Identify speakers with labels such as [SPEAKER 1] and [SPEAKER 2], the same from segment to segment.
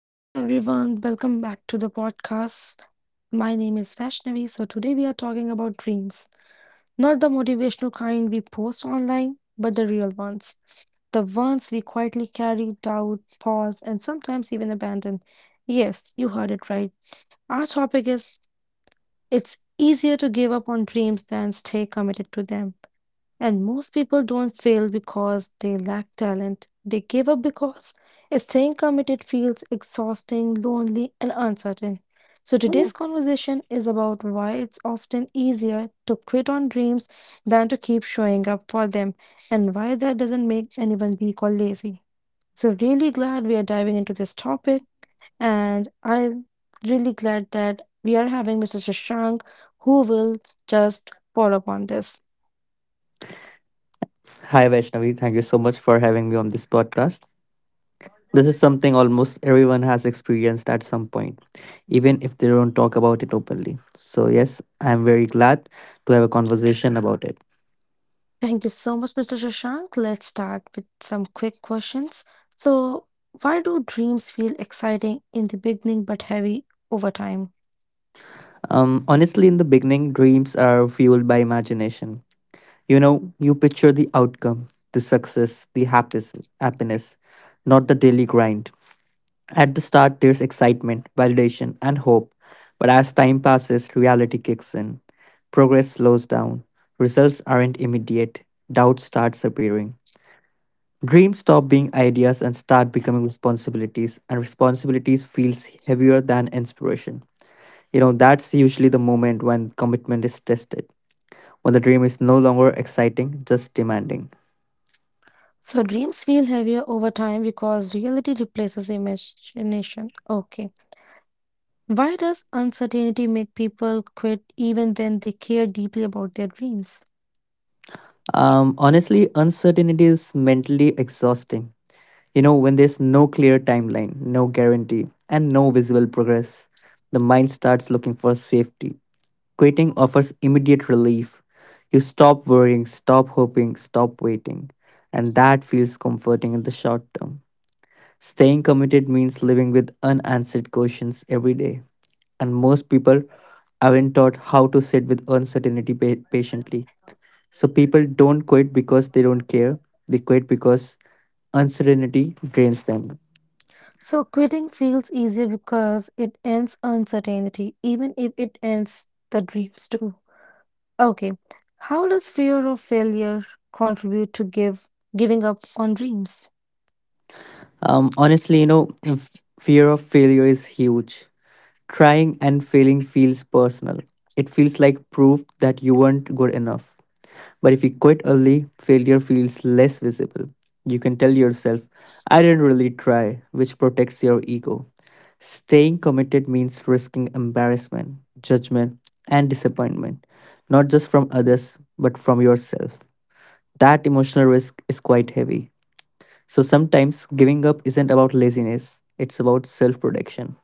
[SPEAKER 1] Hello, everyone. Welcome back to the podcast. My name is Vaishnavi. So, today we are talking about dreams. Not the motivational kind we post online, but the real ones. The ones we quietly carry, doubt, pause, and sometimes even abandon. Yes, you heard it right. Our topic is it's easier to give up on dreams than stay committed to them. And most people don't fail because they lack talent. They give up because staying committed feels exhausting, lonely, and uncertain. So today's conversation is about why it's often easier to quit on dreams than to keep showing up for them, and why that doesn't make anyone weak or lazy. So really glad we are diving into this topic, and I'm really glad that we are having Mr. Shashank who will just follow up on this.
[SPEAKER 2] Hi, Vaishnavi. Thank you so much for having me on this podcast. This is something almost everyone has experienced at some point, even if they don't talk about it openly. So, yes, I'm very glad to have a conversation about it.
[SPEAKER 1] Thank you so much, Mr. Shashank. Let's start with some quick questions. So, why do dreams feel exciting in the beginning but heavy over time?
[SPEAKER 2] Honestly, in the beginning, dreams are fueled by imagination. You know, you picture the outcome, the success, the happiness, not the daily grind. At the start, there's excitement, validation, and hope. But as time passes, reality kicks in. Progress slows down. Results aren't immediate. Doubt starts appearing. Dreams stop being ideas and start becoming responsibilities, and responsibilities feels heavier than inspiration. You know, that's usually the moment when commitment is tested, when the dream is no longer exciting, just demanding.
[SPEAKER 1] So, dreams feel heavier over time because reality replaces imagination. Okay. Why does uncertainty make people quit even when they care deeply about their dreams?
[SPEAKER 2] Honestly, uncertainty is mentally exhausting. You know, when there's no clear timeline, no guarantee, and no visible progress, the mind starts looking for safety. Quitting offers immediate relief. You stop worrying, stop hoping, stop waiting. And that feels comforting in the short term. Staying committed means living with unanswered questions every day. And most people aren't taught how to sit with uncertainty patiently. So people don't quit because they don't care, they quit because uncertainty drains them.
[SPEAKER 1] So, quitting feels easier because it ends uncertainty, even if it ends the dreams too. Okay. How does fear of failure contribute to give giving up on dreams?
[SPEAKER 2] Honestly, fear of failure is huge. Trying and failing feels personal. It feels like proof that you weren't good enough. But if you quit early, failure feels less visible. You can tell yourself, I didn't really try, which protects your ego. Staying committed means risking embarrassment, judgment, and disappointment, not just from others, but from yourself. That emotional risk is quite heavy. So sometimes giving up isn't about laziness, it's about self protection.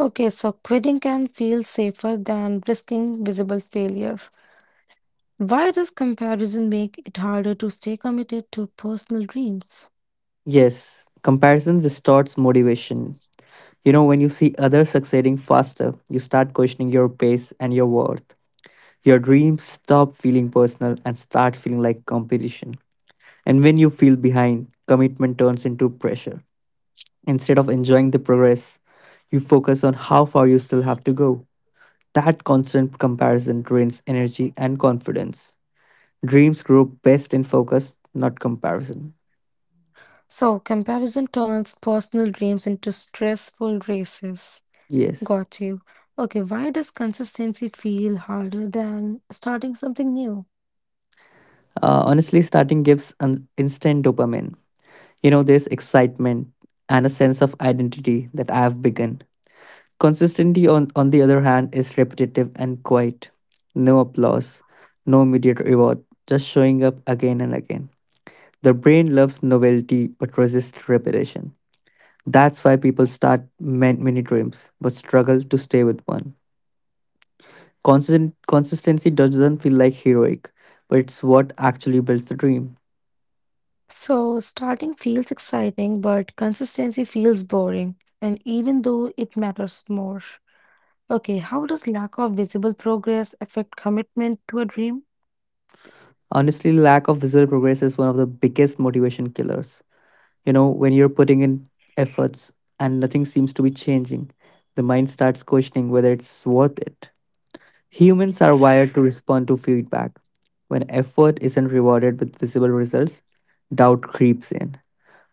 [SPEAKER 1] Okay, so quitting can feel safer than risking visible failure. Why does comparison make it harder to stay committed to personal dreams?
[SPEAKER 2] Yes, comparison distorts motivation. You know, when you see others succeeding faster, you start questioning your pace and your worth. Your dreams stop feeling personal and start feeling like competition. And when you feel behind, commitment turns into pressure. Instead of enjoying the progress, you focus on how far you still have to go. That constant comparison drains energy and confidence. Dreams grow best in focus, not comparison.
[SPEAKER 1] So, comparison turns personal dreams into stressful races.
[SPEAKER 2] Yes.
[SPEAKER 1] Got you. Okay, why does consistency feel harder than starting something new?
[SPEAKER 2] Honestly, starting gives an instant dopamine. You know, there's excitement and a sense of identity that I have begun. Consistency, on the other hand, is repetitive and quiet. No applause, no immediate reward, just showing up again and again. The brain loves novelty but resists repetition. That's why people start many dreams but struggle to stay with one. Consistency doesn't feel like heroic, but it's what actually builds the dream.
[SPEAKER 1] So, starting feels exciting, but consistency feels boring, and even though it matters more. Okay, how does lack of visible progress affect commitment to a dream?
[SPEAKER 2] Honestly, lack of visible progress is one of the biggest motivation killers. You know, when you're putting in efforts and nothing seems to be changing, the mind starts questioning whether it's worth it. Humans are wired to respond to feedback. When effort isn't rewarded with visible results, doubt creeps in.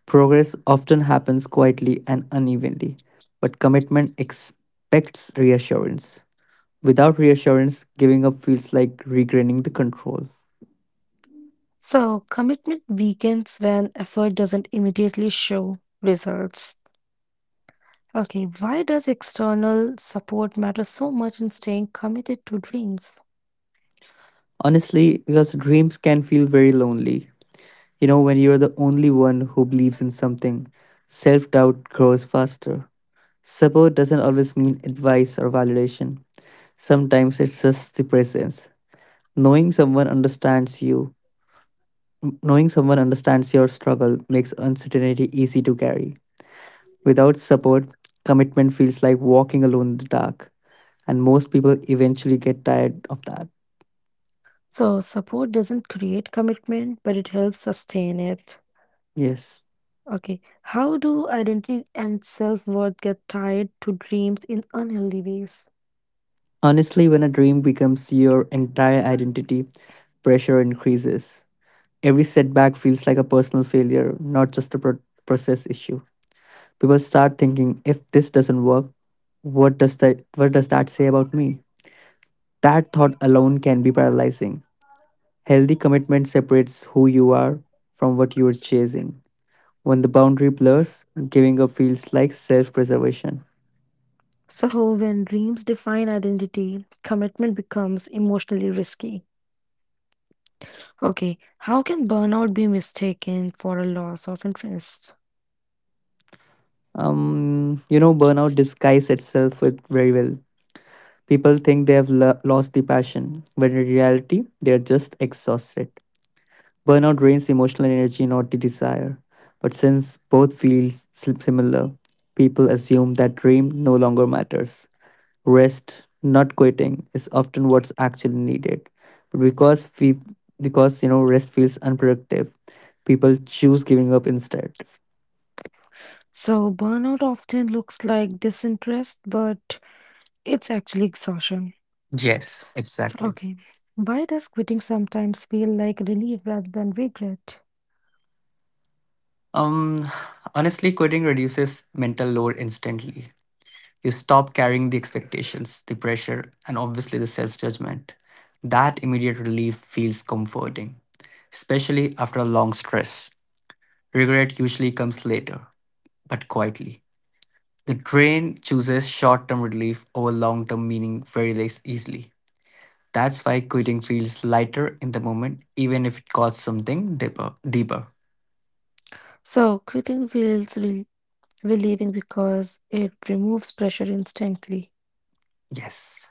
[SPEAKER 2] Progress often happens quietly and unevenly, but commitment expects reassurance. Without reassurance, giving up feels like regaining the control.
[SPEAKER 1] So, commitment weakens when effort doesn't immediately show results. Okay, why does external support matter so much in staying committed to dreams?
[SPEAKER 2] Honestly, because dreams can feel very lonely. You know, when you're the only one who believes in something, self doubt grows faster. Support doesn't always mean advice or validation, sometimes it's just the presence. Knowing someone understands you, knowing someone understands your struggle makes uncertainty easy to carry. Without support, commitment feels like walking alone in the dark, and most people eventually get tired of that.
[SPEAKER 1] So, support doesn't create commitment, but it helps sustain it.
[SPEAKER 2] Yes.
[SPEAKER 1] Okay, how do identity and self-worth get tied to dreams in unhealthy ways?
[SPEAKER 2] Honestly, when a dream becomes your entire identity, pressure increases. Every setback feels like a personal failure, not just a process issue. People start thinking, if this doesn't work, what does that say about me? That thought alone can be paralyzing. Healthy commitment separates who you are from what you are chasing. When the boundary blurs, giving up feels like self-preservation.
[SPEAKER 1] So, when dreams define identity, commitment becomes emotionally risky. Okay, how can burnout be mistaken for a loss of interest?
[SPEAKER 2] Burnout disguises itself with very well. People think they have lost the passion, when in reality, they are just exhausted. Burnout drains emotional energy, not the desire. But since both feel similar, people assume that dream no longer matters. Rest, not quitting, is often what's actually needed. But because rest feels unproductive, people choose giving up instead.
[SPEAKER 1] So, burnout often looks like disinterest, but it's actually exhaustion.
[SPEAKER 2] Yes, exactly.
[SPEAKER 1] Okay, why does quitting sometimes feel like relief rather than regret?
[SPEAKER 2] Um, honestly, quitting reduces mental load instantly. You stop carrying the expectations, the pressure, and obviously the self judgment. That immediate relief feels comforting, especially after a long stress. Regret usually comes later, but quietly. The brain chooses short term relief over long term meaning very less easily. That's why quitting feels lighter in the moment, even if it costs something deeper.
[SPEAKER 1] So, quitting feels relieving because it removes pressure instantly.
[SPEAKER 2] Yes.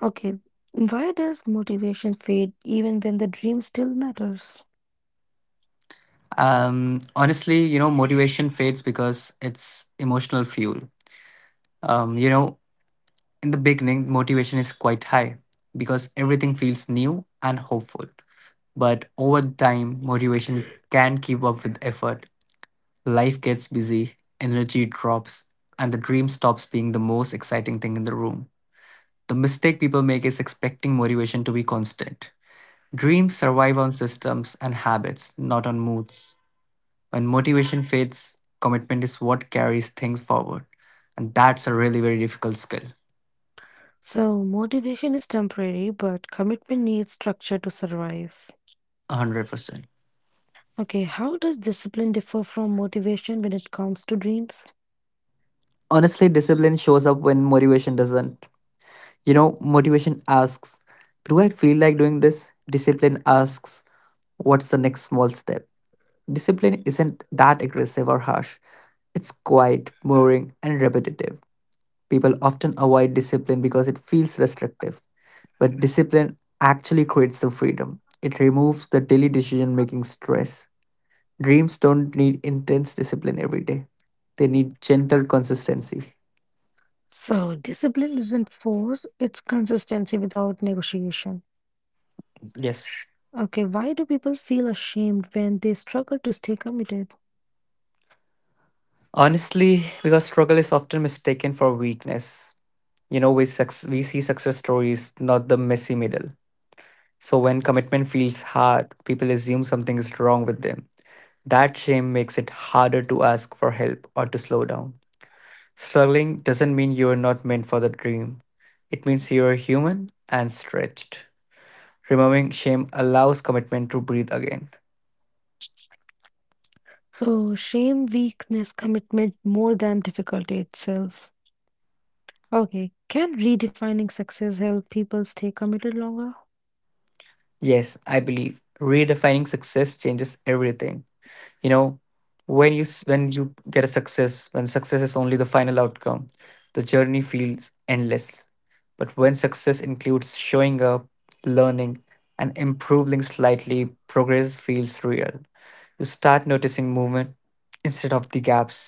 [SPEAKER 1] Okay, why does motivation fade even when the dream still matters?
[SPEAKER 2] Honestly, motivation fades because it's emotional fuel. Um, you know, In the beginning, motivation is quite high because everything feels new and hopeful. But over time, motivation can keep up with effort. Life gets busy, energy drops, and the dream stops being the most exciting thing in the room. The mistake people make is expecting motivation to be constant. Dreams survive on systems and habits, not on moods. When motivation fades, commitment is what carries things forward. And that's a really very difficult skill.
[SPEAKER 1] So, motivation is temporary, but commitment needs structure to survive.
[SPEAKER 2] 100%.
[SPEAKER 1] Okay, how does discipline differ from motivation when it comes to dreams?
[SPEAKER 2] Honestly, discipline shows up when motivation doesn't. You know, motivation asks, do I feel like doing this? Discipline asks, what's the next small step? Discipline isn't that aggressive or harsh. It's quiet, boring, and repetitive. People often avoid discipline because it feels restrictive. But discipline actually creates the freedom, it removes the daily decision making stress. Dreams don't need intense discipline every day, they need gentle consistency.
[SPEAKER 1] So, discipline isn't force, it's consistency without negotiation.
[SPEAKER 2] Yes.
[SPEAKER 1] Okay, why do people feel ashamed when they struggle to stay committed?
[SPEAKER 2] Honestly, because struggle is often mistaken for weakness. You know, we see success stories, not the messy middle. So when commitment feels hard, people assume something is wrong with them. That shame makes it harder to ask for help or to slow down. Struggling doesn't mean you are not meant for the dream. It means you are human and stretched. Removing shame allows commitment to breathe again.
[SPEAKER 1] So, shame, weakness, commitment more than difficulty itself. Okay, can redefining success help people stay committed longer?
[SPEAKER 2] Yes, I believe redefining success changes everything. You know, when you get a success, when success is only the final outcome, the journey feels endless. But when success includes showing up, learning, and improving slightly, progress feels real. You start noticing movement instead of the gaps.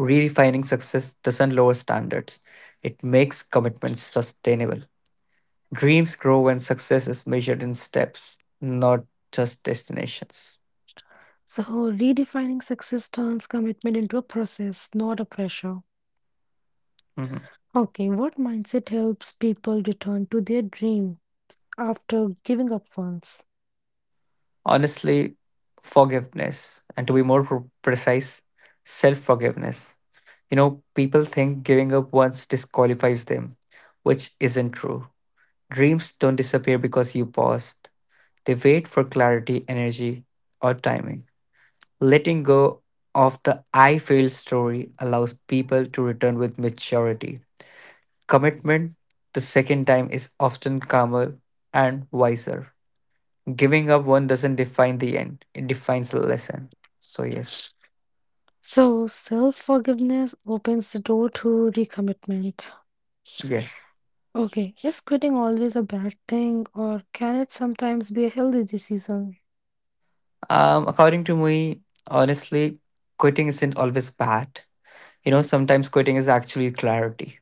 [SPEAKER 2] Redefining success doesn't lower standards, it makes commitments sustainable. Dreams grow when success is measured in steps, not just destinations.
[SPEAKER 1] So, redefining success turns commitment into a process, not a pressure.
[SPEAKER 2] Mm-hmm.
[SPEAKER 1] Okay, what mindset helps people return to their dream after giving up once?
[SPEAKER 2] Honestly, forgiveness, and to be more precise, self forgiveness. You know, people think giving up once disqualifies them, which isn't true. Dreams don't disappear because you paused. They wait for clarity, energy, or timing. Letting go of the I failed story allows people to return with maturity. Commitment the second time is often calmer and wiser. Giving up one doesn't define the end, it defines the lesson. So, yes.
[SPEAKER 1] So, self forgiveness opens the door to recommitment.
[SPEAKER 2] Yes.
[SPEAKER 1] Okay, is quitting always a bad thing, or can it sometimes be a healthy decision?
[SPEAKER 2] According to me, honestly, quitting isn't always bad. You know, sometimes quitting is actually clarity.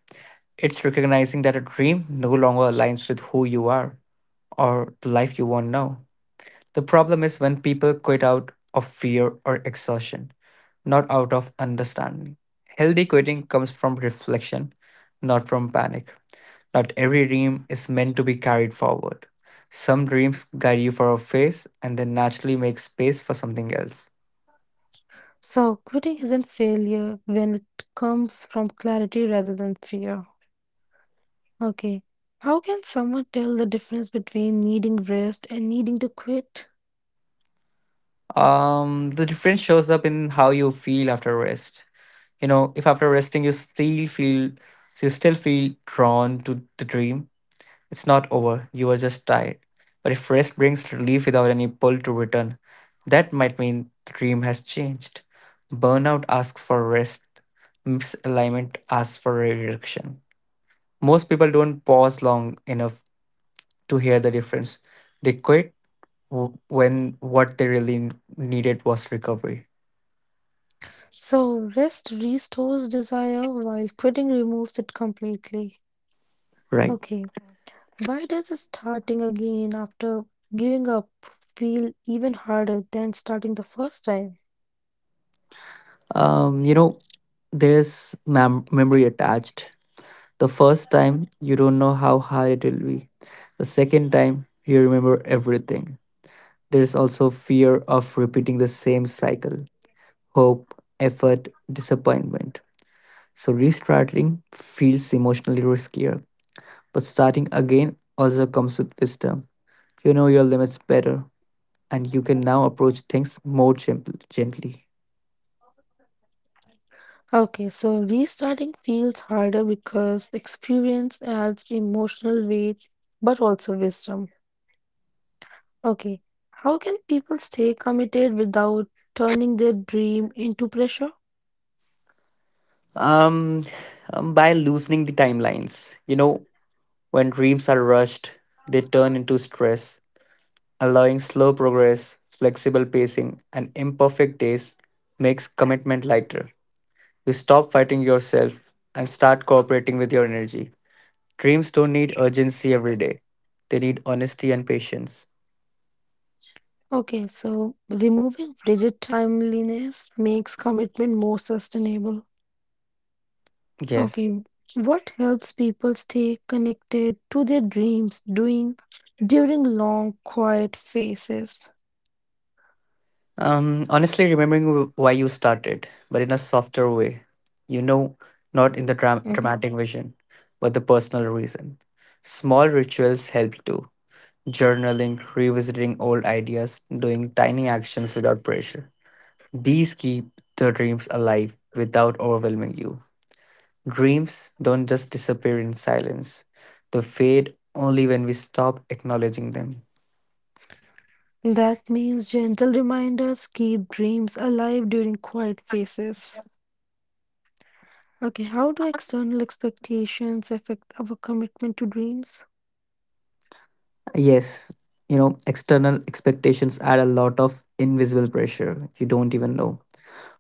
[SPEAKER 2] It's recognizing that a dream no longer aligns with who you are or the life you want now. The problem is when people quit out of fear or exhaustion, not out of understanding. Healthy quitting comes from reflection, not from panic. Not every dream is meant to be carried forward. Some dreams guide you for a phase and then naturally make space for something else.
[SPEAKER 1] So, quitting isn't failure when it comes from clarity rather than fear. Okay. How can someone tell the difference between needing rest and needing to quit?
[SPEAKER 2] The difference shows up in how you feel after rest. You know, if after resting you still feel drawn to the dream, it's not over. You are just tired. But if rest brings relief without any pull to return, that might mean the dream has changed. Burnout asks for rest. Misalignment asks for redirection. Most people don't pause long enough to hear the difference. They quit when what they really needed was recovery.
[SPEAKER 1] So, rest restores desire while quitting removes it completely.
[SPEAKER 2] Right.
[SPEAKER 1] Okay. Why does starting again after giving up feel even harder than starting the first time?
[SPEAKER 2] Um, you know, there's memory attached. The first time, you don't know how hard it will be. The second time, you remember everything. There's also fear of repeating the same cycle, hope, effort, disappointment. So, restarting feels emotionally riskier, but starting again also comes with wisdom. You know your limits better, and you can now approach things more gently.
[SPEAKER 1] Okay, so restarting feels harder because experience adds emotional weight but also wisdom. Okay, how can people stay committed without turning their dream into pressure?
[SPEAKER 2] Um, by loosening the timelines. You know, when dreams are rushed, they turn into stress. Allowing slow progress, flexible pacing, and imperfect days makes commitment lighter. You stop fighting yourself and start cooperating with your energy. Dreams don't need urgency every day, they need honesty and patience.
[SPEAKER 1] Okay, so removing rigid timeliness makes commitment more sustainable.
[SPEAKER 2] Yes.
[SPEAKER 1] Okay, what helps people stay connected to their dreams doing during long quiet phases?
[SPEAKER 2] Honestly, remembering why you started, but in a softer way. You know, not in the
[SPEAKER 1] Mhm.
[SPEAKER 2] dramatic vision, but the personal reason. Small rituals help too. Journaling, revisiting old ideas, doing tiny actions without pressure. These keep the dreams alive without overwhelming you. Dreams don't just disappear in silence, they fade only when we stop acknowledging them.
[SPEAKER 1] That means gentle reminders keep dreams alive during quiet phases. Okay, how do external expectations affect our commitment to dreams?
[SPEAKER 2] Yes, you know, external expectations add a lot of invisible pressure you don't even know.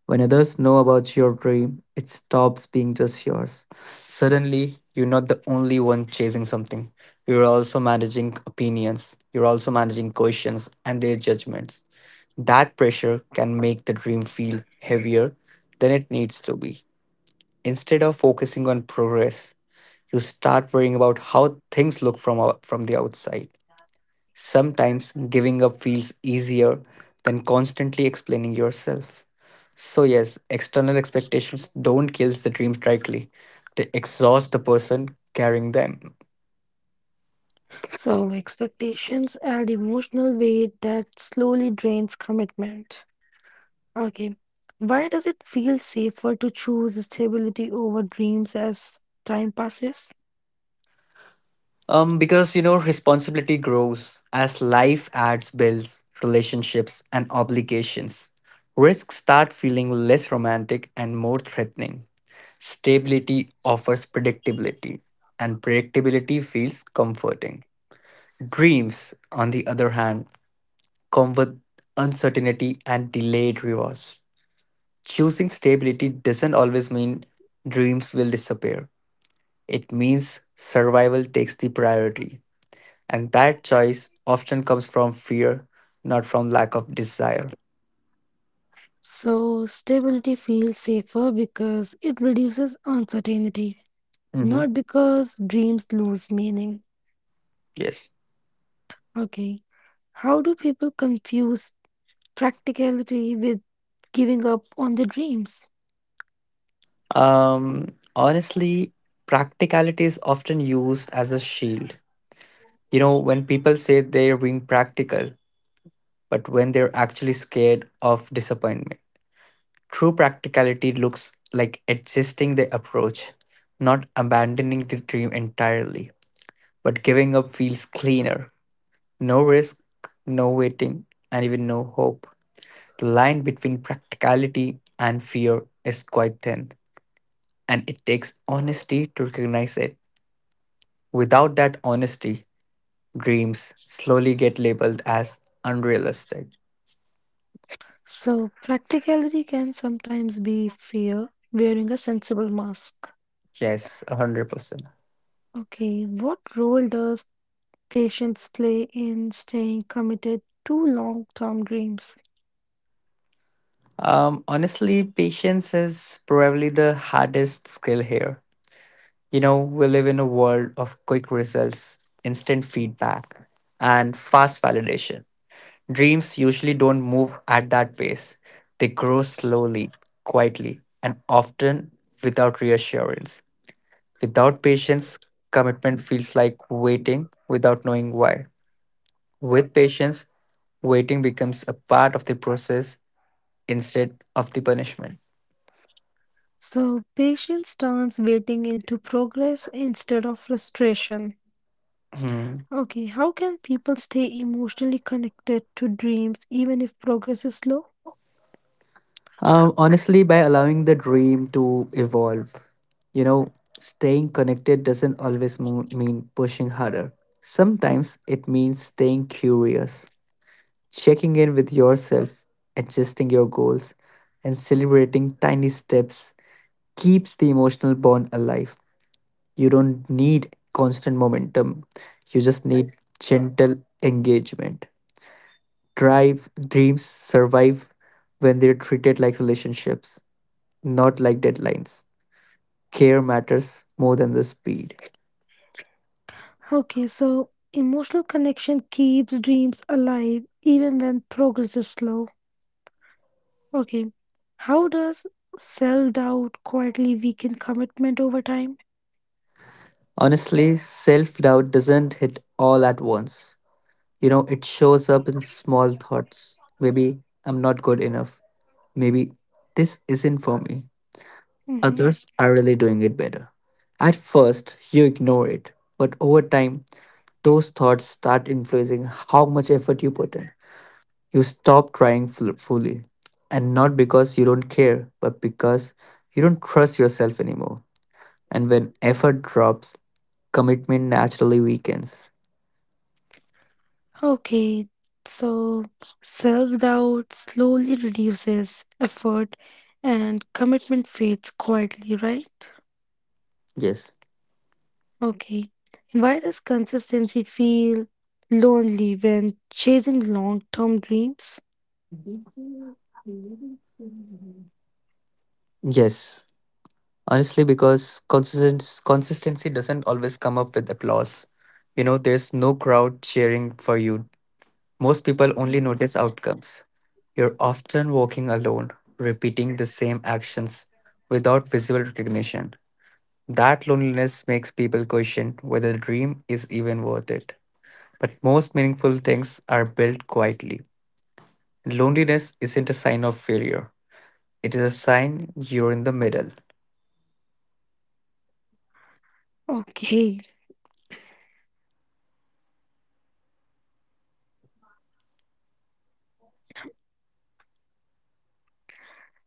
[SPEAKER 2] When others know about your dream, it stops being just yours. Suddenly, you're not the only one chasing something. You're also managing opinions, you're also managing questions and their judgments. That pressure can make the dream feel heavier than it needs to be. Instead of focusing on progress, you start worrying about how things look from the outside. Sometimes giving up feels easier than constantly explaining yourself. So, yes, external expectations don't kill the dreams directly, they exhaust the person carrying them.
[SPEAKER 1] So, expectations add emotional weight that slowly drains commitment. Okay, why does it feel safer to choose stability over dreams as time passes?
[SPEAKER 2] Because responsibility grows as life adds bills, relationships, and obligations. Risks start feeling less romantic and more threatening. Stability offers predictability, and predictability feels comforting. Dreams, on the other hand, come with uncertainty and delayed rewards. Choosing stability doesn't always mean dreams will disappear. It means survival takes the priority. And that choice often comes from fear, not from lack of desire.
[SPEAKER 1] So, stability feels safer because it reduces uncertainty,
[SPEAKER 2] Hmm.
[SPEAKER 1] not because dreams lose meaning.
[SPEAKER 2] Yes.
[SPEAKER 1] Okay. How do people confuse practicality with giving up on their dreams?
[SPEAKER 2] Honestly, practicality is often used as a shield. When people say they're being practical, but when they're actually scared of disappointment. True practicality looks like adjusting the approach, not abandoning the dream entirely, but giving up feels cleaner. No risk, no waiting, and even no hope. The line between practicality and fear is quite thin, and it takes honesty to recognize it. Without that honesty, dreams slowly get labeled as unrealistic.
[SPEAKER 1] So, practicality can sometimes be fear wearing a sensible mask.
[SPEAKER 2] Yes, 100%.
[SPEAKER 1] Okay. What role does patience play in staying committed to long term dreams?
[SPEAKER 2] Honestly, patience is probably the hardest skill here. We live in a world of quick results, instant feedback, and fast validation. Dreams usually don't move at that pace, they grow slowly, quietly, and often without reassurance. Without patience, commitment feels like waiting without knowing why. With patience, waiting becomes a part of the process instead of the punishment.
[SPEAKER 1] So patience turns waiting into progress instead of frustration.
[SPEAKER 2] Hmm.
[SPEAKER 1] Okay, how can people stay emotionally connected to dreams even if progress is slow?
[SPEAKER 2] Honestly, by allowing the dream to evolve, you know, staying connected doesn't always mean pushing harder. Sometimes it means staying curious, checking in with yourself, adjusting your goals, and celebrating tiny steps keeps the emotional bond alive. You don't need constant momentum, you just need gentle engagement. Drive, dreams survive when they're treated like relationships, not like deadlines. Care matters more than the speed.
[SPEAKER 1] Okay, so emotional connection keeps dreams alive even when progress is slow. Okay, how does self doubt quietly weaken commitment over time?
[SPEAKER 2] Honestly, self doubt doesn't hit all at once. It shows up in small thoughts. Maybe I'm not good enough. Maybe this isn't for me.
[SPEAKER 1] Mm-hmm.
[SPEAKER 2] Others are really doing it better. At first, you ignore it, but over time, those thoughts start influencing how much effort you put in. You stop trying fully, and not because you don't care, but because you don't trust yourself anymore. And when effort drops, commitment naturally weakens.
[SPEAKER 1] Okay, so self doubt slowly reduces effort and commitment fades quietly, right?
[SPEAKER 2] Yes.
[SPEAKER 1] Okay. Why does consistency feel lonely when chasing long term dreams?
[SPEAKER 2] Yes. Honestly, because consistency doesn't always come up with applause. There's no crowd cheering for you. Most people
[SPEAKER 1] Mm-hmm.
[SPEAKER 2] only notice outcomes. You're often walking alone, repeating the same actions without visible recognition. That loneliness makes people question whether the dream is even worth it. But most meaningful things are built quietly. Loneliness isn't a sign of failure, it is a sign you're in the middle.
[SPEAKER 1] Okay.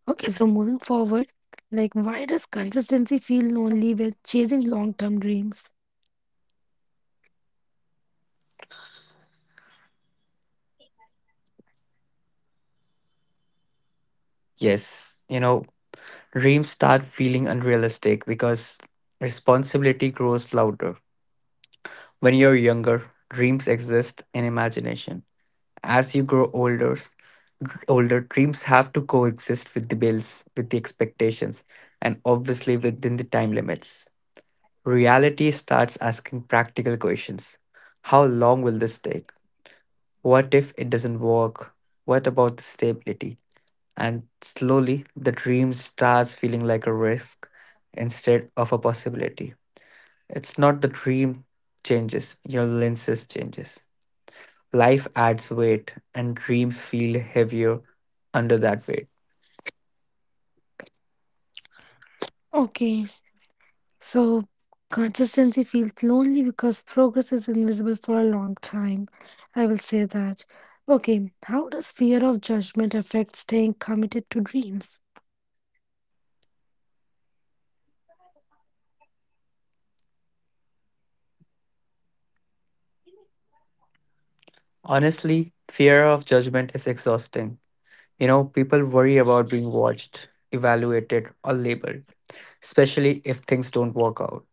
[SPEAKER 1] Okay, so moving forward, like why does consistency feel lonely when chasing long-term dreams?
[SPEAKER 2] Yes, dreams start feeling unrealistic because responsibility grows louder. When you're younger, dreams exist in imagination. As you grow older, older dreams have to coexist with the bills, with the expectations, and obviously within the time limits. Reality starts asking practical questions. How long will this take? What if it doesn't work? What about the stability? And slowly, the dream starts feeling like a risk instead of a possibility. It's not the dream changes, your lenses changes. Life adds weight, and dreams feel heavier under that weight.
[SPEAKER 1] Okay, so consistency feels lonely because progress is invisible for a long time. I will say that. Okay, how does fear of judgment affect staying committed to dreams?
[SPEAKER 2] Honestly, fear of judgment is exhausting. People worry about being watched, evaluated, or labeled, especially if things don't work out.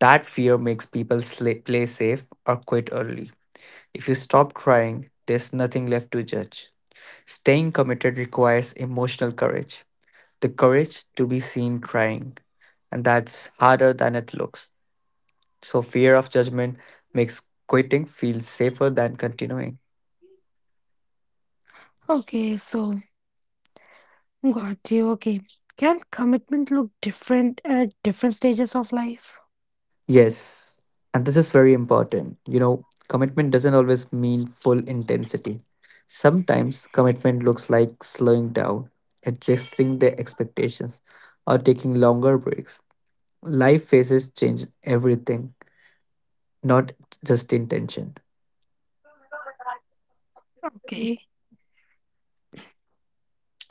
[SPEAKER 2] That fear makes people play safe or quit early. If you stop trying, there's nothing left to judge. Staying committed requires emotional courage, the courage to be seen trying, and that's harder than it looks. So, fear of judgment makes quitting feel safer than continuing.
[SPEAKER 1] Okay, so got you. Okay, can commitment look different at different stages of life?
[SPEAKER 2] Yes, and this is very important. Commitment doesn't always mean full intensity. Sometimes commitment looks like slowing down, adjusting their expectations, or taking longer breaks. Life phases change everything, not just intention.
[SPEAKER 1] Okay.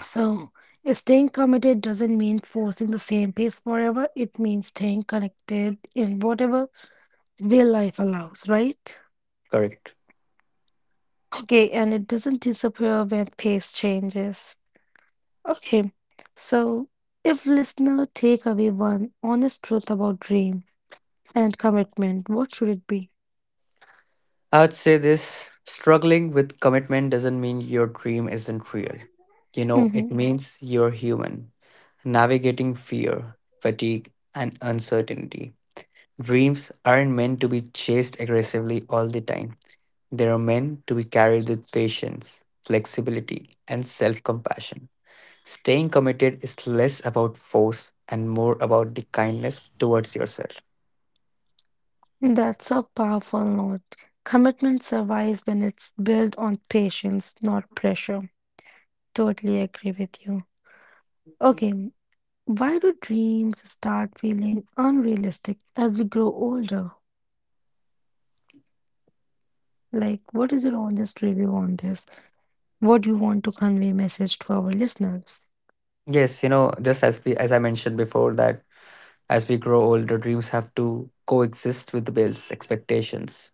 [SPEAKER 1] So, staying committed doesn't mean forcing the same pace forever. It means staying connected in whatever way life allows, right?
[SPEAKER 2] Correct.
[SPEAKER 1] Okay, and it doesn't disappear when pace changes. Okay, so if listener take away one honest truth about dream and commitment, what should it be?
[SPEAKER 2] I'd say this, struggling with commitment doesn't mean your dream isn't real. It
[SPEAKER 1] hmm
[SPEAKER 2] means you're human, navigating fear, fatigue, and uncertainty. Dreams aren't meant to be chased aggressively all the time. They are meant to be carried with patience, flexibility, and self compassion. Staying committed is less about force and more about the kindness towards yourself.
[SPEAKER 1] That's a powerful note. Commitment survives when it's built on patience, not pressure. Totally agree with you. Okay, why do dreams start feeling unrealistic as we grow older? Like, what is your honest review on this? What do you want to convey message to our listeners?
[SPEAKER 2] Yes, just as we as I mentioned before, that as we grow older, dreams have to coexist with the bills, expectations.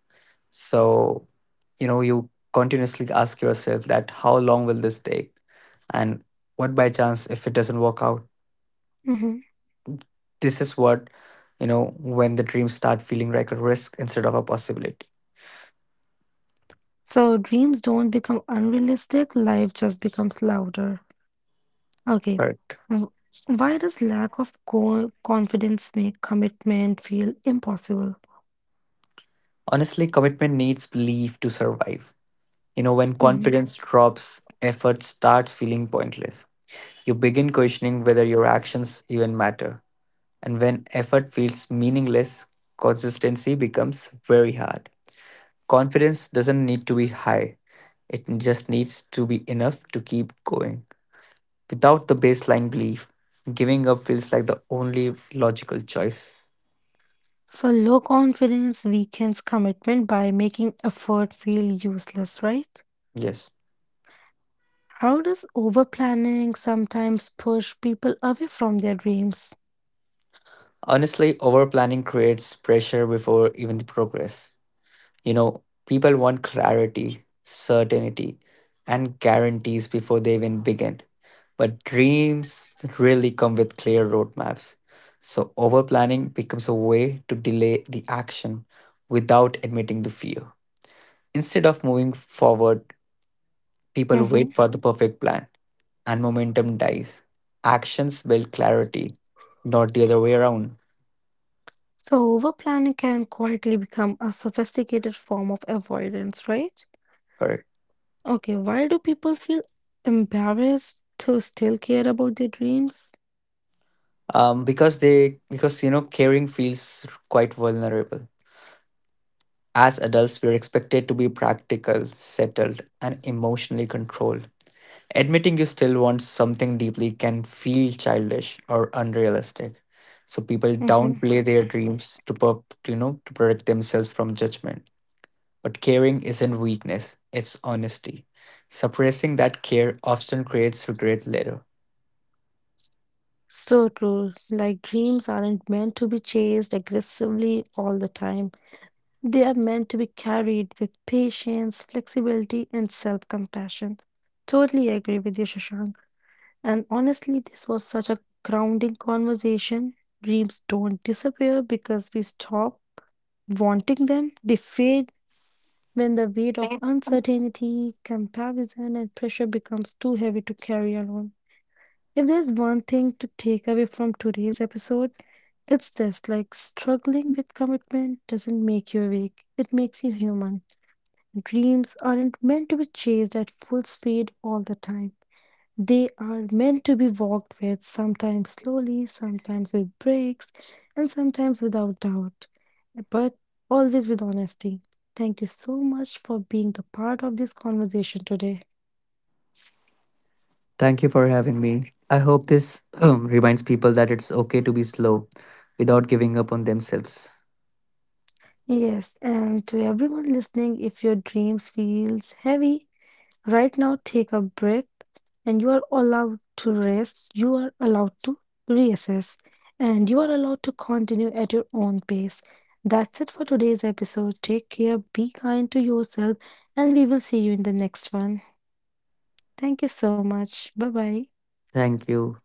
[SPEAKER 2] So, you continuously ask yourself, that how long will this take? And what by chance if it doesn't work out?
[SPEAKER 1] hmm
[SPEAKER 2] This is what, when the dreams start feeling like a risk instead of a possibility.
[SPEAKER 1] So dreams don't become unrealistic, life just becomes louder. Okay.
[SPEAKER 2] Correct.
[SPEAKER 1] w- Why does lack of confidence make commitment feel impossible?
[SPEAKER 2] Honestly, commitment needs belief to survive. When
[SPEAKER 1] Mm-hmm.
[SPEAKER 2] confidence drops, effort starts feeling pointless. You begin questioning whether your actions even matter, and when effort feels meaningless, consistency becomes very hard. Confidence doesn't need to be high, it just needs to be enough to keep going. Without the baseline belief, giving up feels like the only logical choice.
[SPEAKER 1] So low confidence weakens commitment by making effort feel useless, right?
[SPEAKER 2] Yes.
[SPEAKER 1] How does overplanning sometimes push people away from their dreams?
[SPEAKER 2] Honestly, overplanning creates pressure before even the progress. People want clarity, certainty, and guarantees before they even begin. But dreams really come with clear roadmaps. So overplanning becomes a way to delay the action without admitting the fear. Instead of moving forward, people
[SPEAKER 1] Mhm.
[SPEAKER 2] wait for the perfect plan, and momentum dies. Actions build clarity, not the other way around.
[SPEAKER 1] So, overplanning can quietly become a sophisticated form of avoidance, right?
[SPEAKER 2] Correct.
[SPEAKER 1] Okay, why do people feel embarrassed to still care about their dreams?
[SPEAKER 2] Because caring feels quite vulnerable. As adults, we're expected to be practical, settled, and emotionally controlled. Admitting you still want something deeply can feel childish or unrealistic. So people
[SPEAKER 1] Mm-hmm.
[SPEAKER 2] downplay their dreams to, per- to you know to protect themselves from judgment. But caring isn't weakness, it's honesty. Suppressing that care often creates regret later.
[SPEAKER 1] So true. Like, dreams aren't meant to be chased aggressively all the time, they are meant to be carried with patience, flexibility, and self compassion. Totally agree with you, Shashank. And honestly, this was such a grounding conversation. Dreams don't disappear because we stop wanting them, they fade when the weight of uncertainty, comparison, and pressure becomes too heavy to carry alone. If there's one thing to take away from today's episode, it's this like struggling with commitment doesn't make you weak, it makes you human. Dreams aren't meant to be chased at full speed all the time. They are meant to be walked with, sometimes slowly, sometimes with breaks, and sometimes without doubt, but always with honesty. Thank you so much for being the part of this conversation today.
[SPEAKER 2] Thank you for having me. I hope this reminds people that it's okay to be slow without giving up on themselves.
[SPEAKER 1] Yes, and to everyone listening, if your dreams feels heavy, right now, take a breath and you are allowed to rest. You are allowed to reassess and you are allowed to continue at your own pace. That's it for today's episode. Take care, be kind to yourself, and we will see you in the next one. Thank you so much. Bye bye.
[SPEAKER 2] Thank you.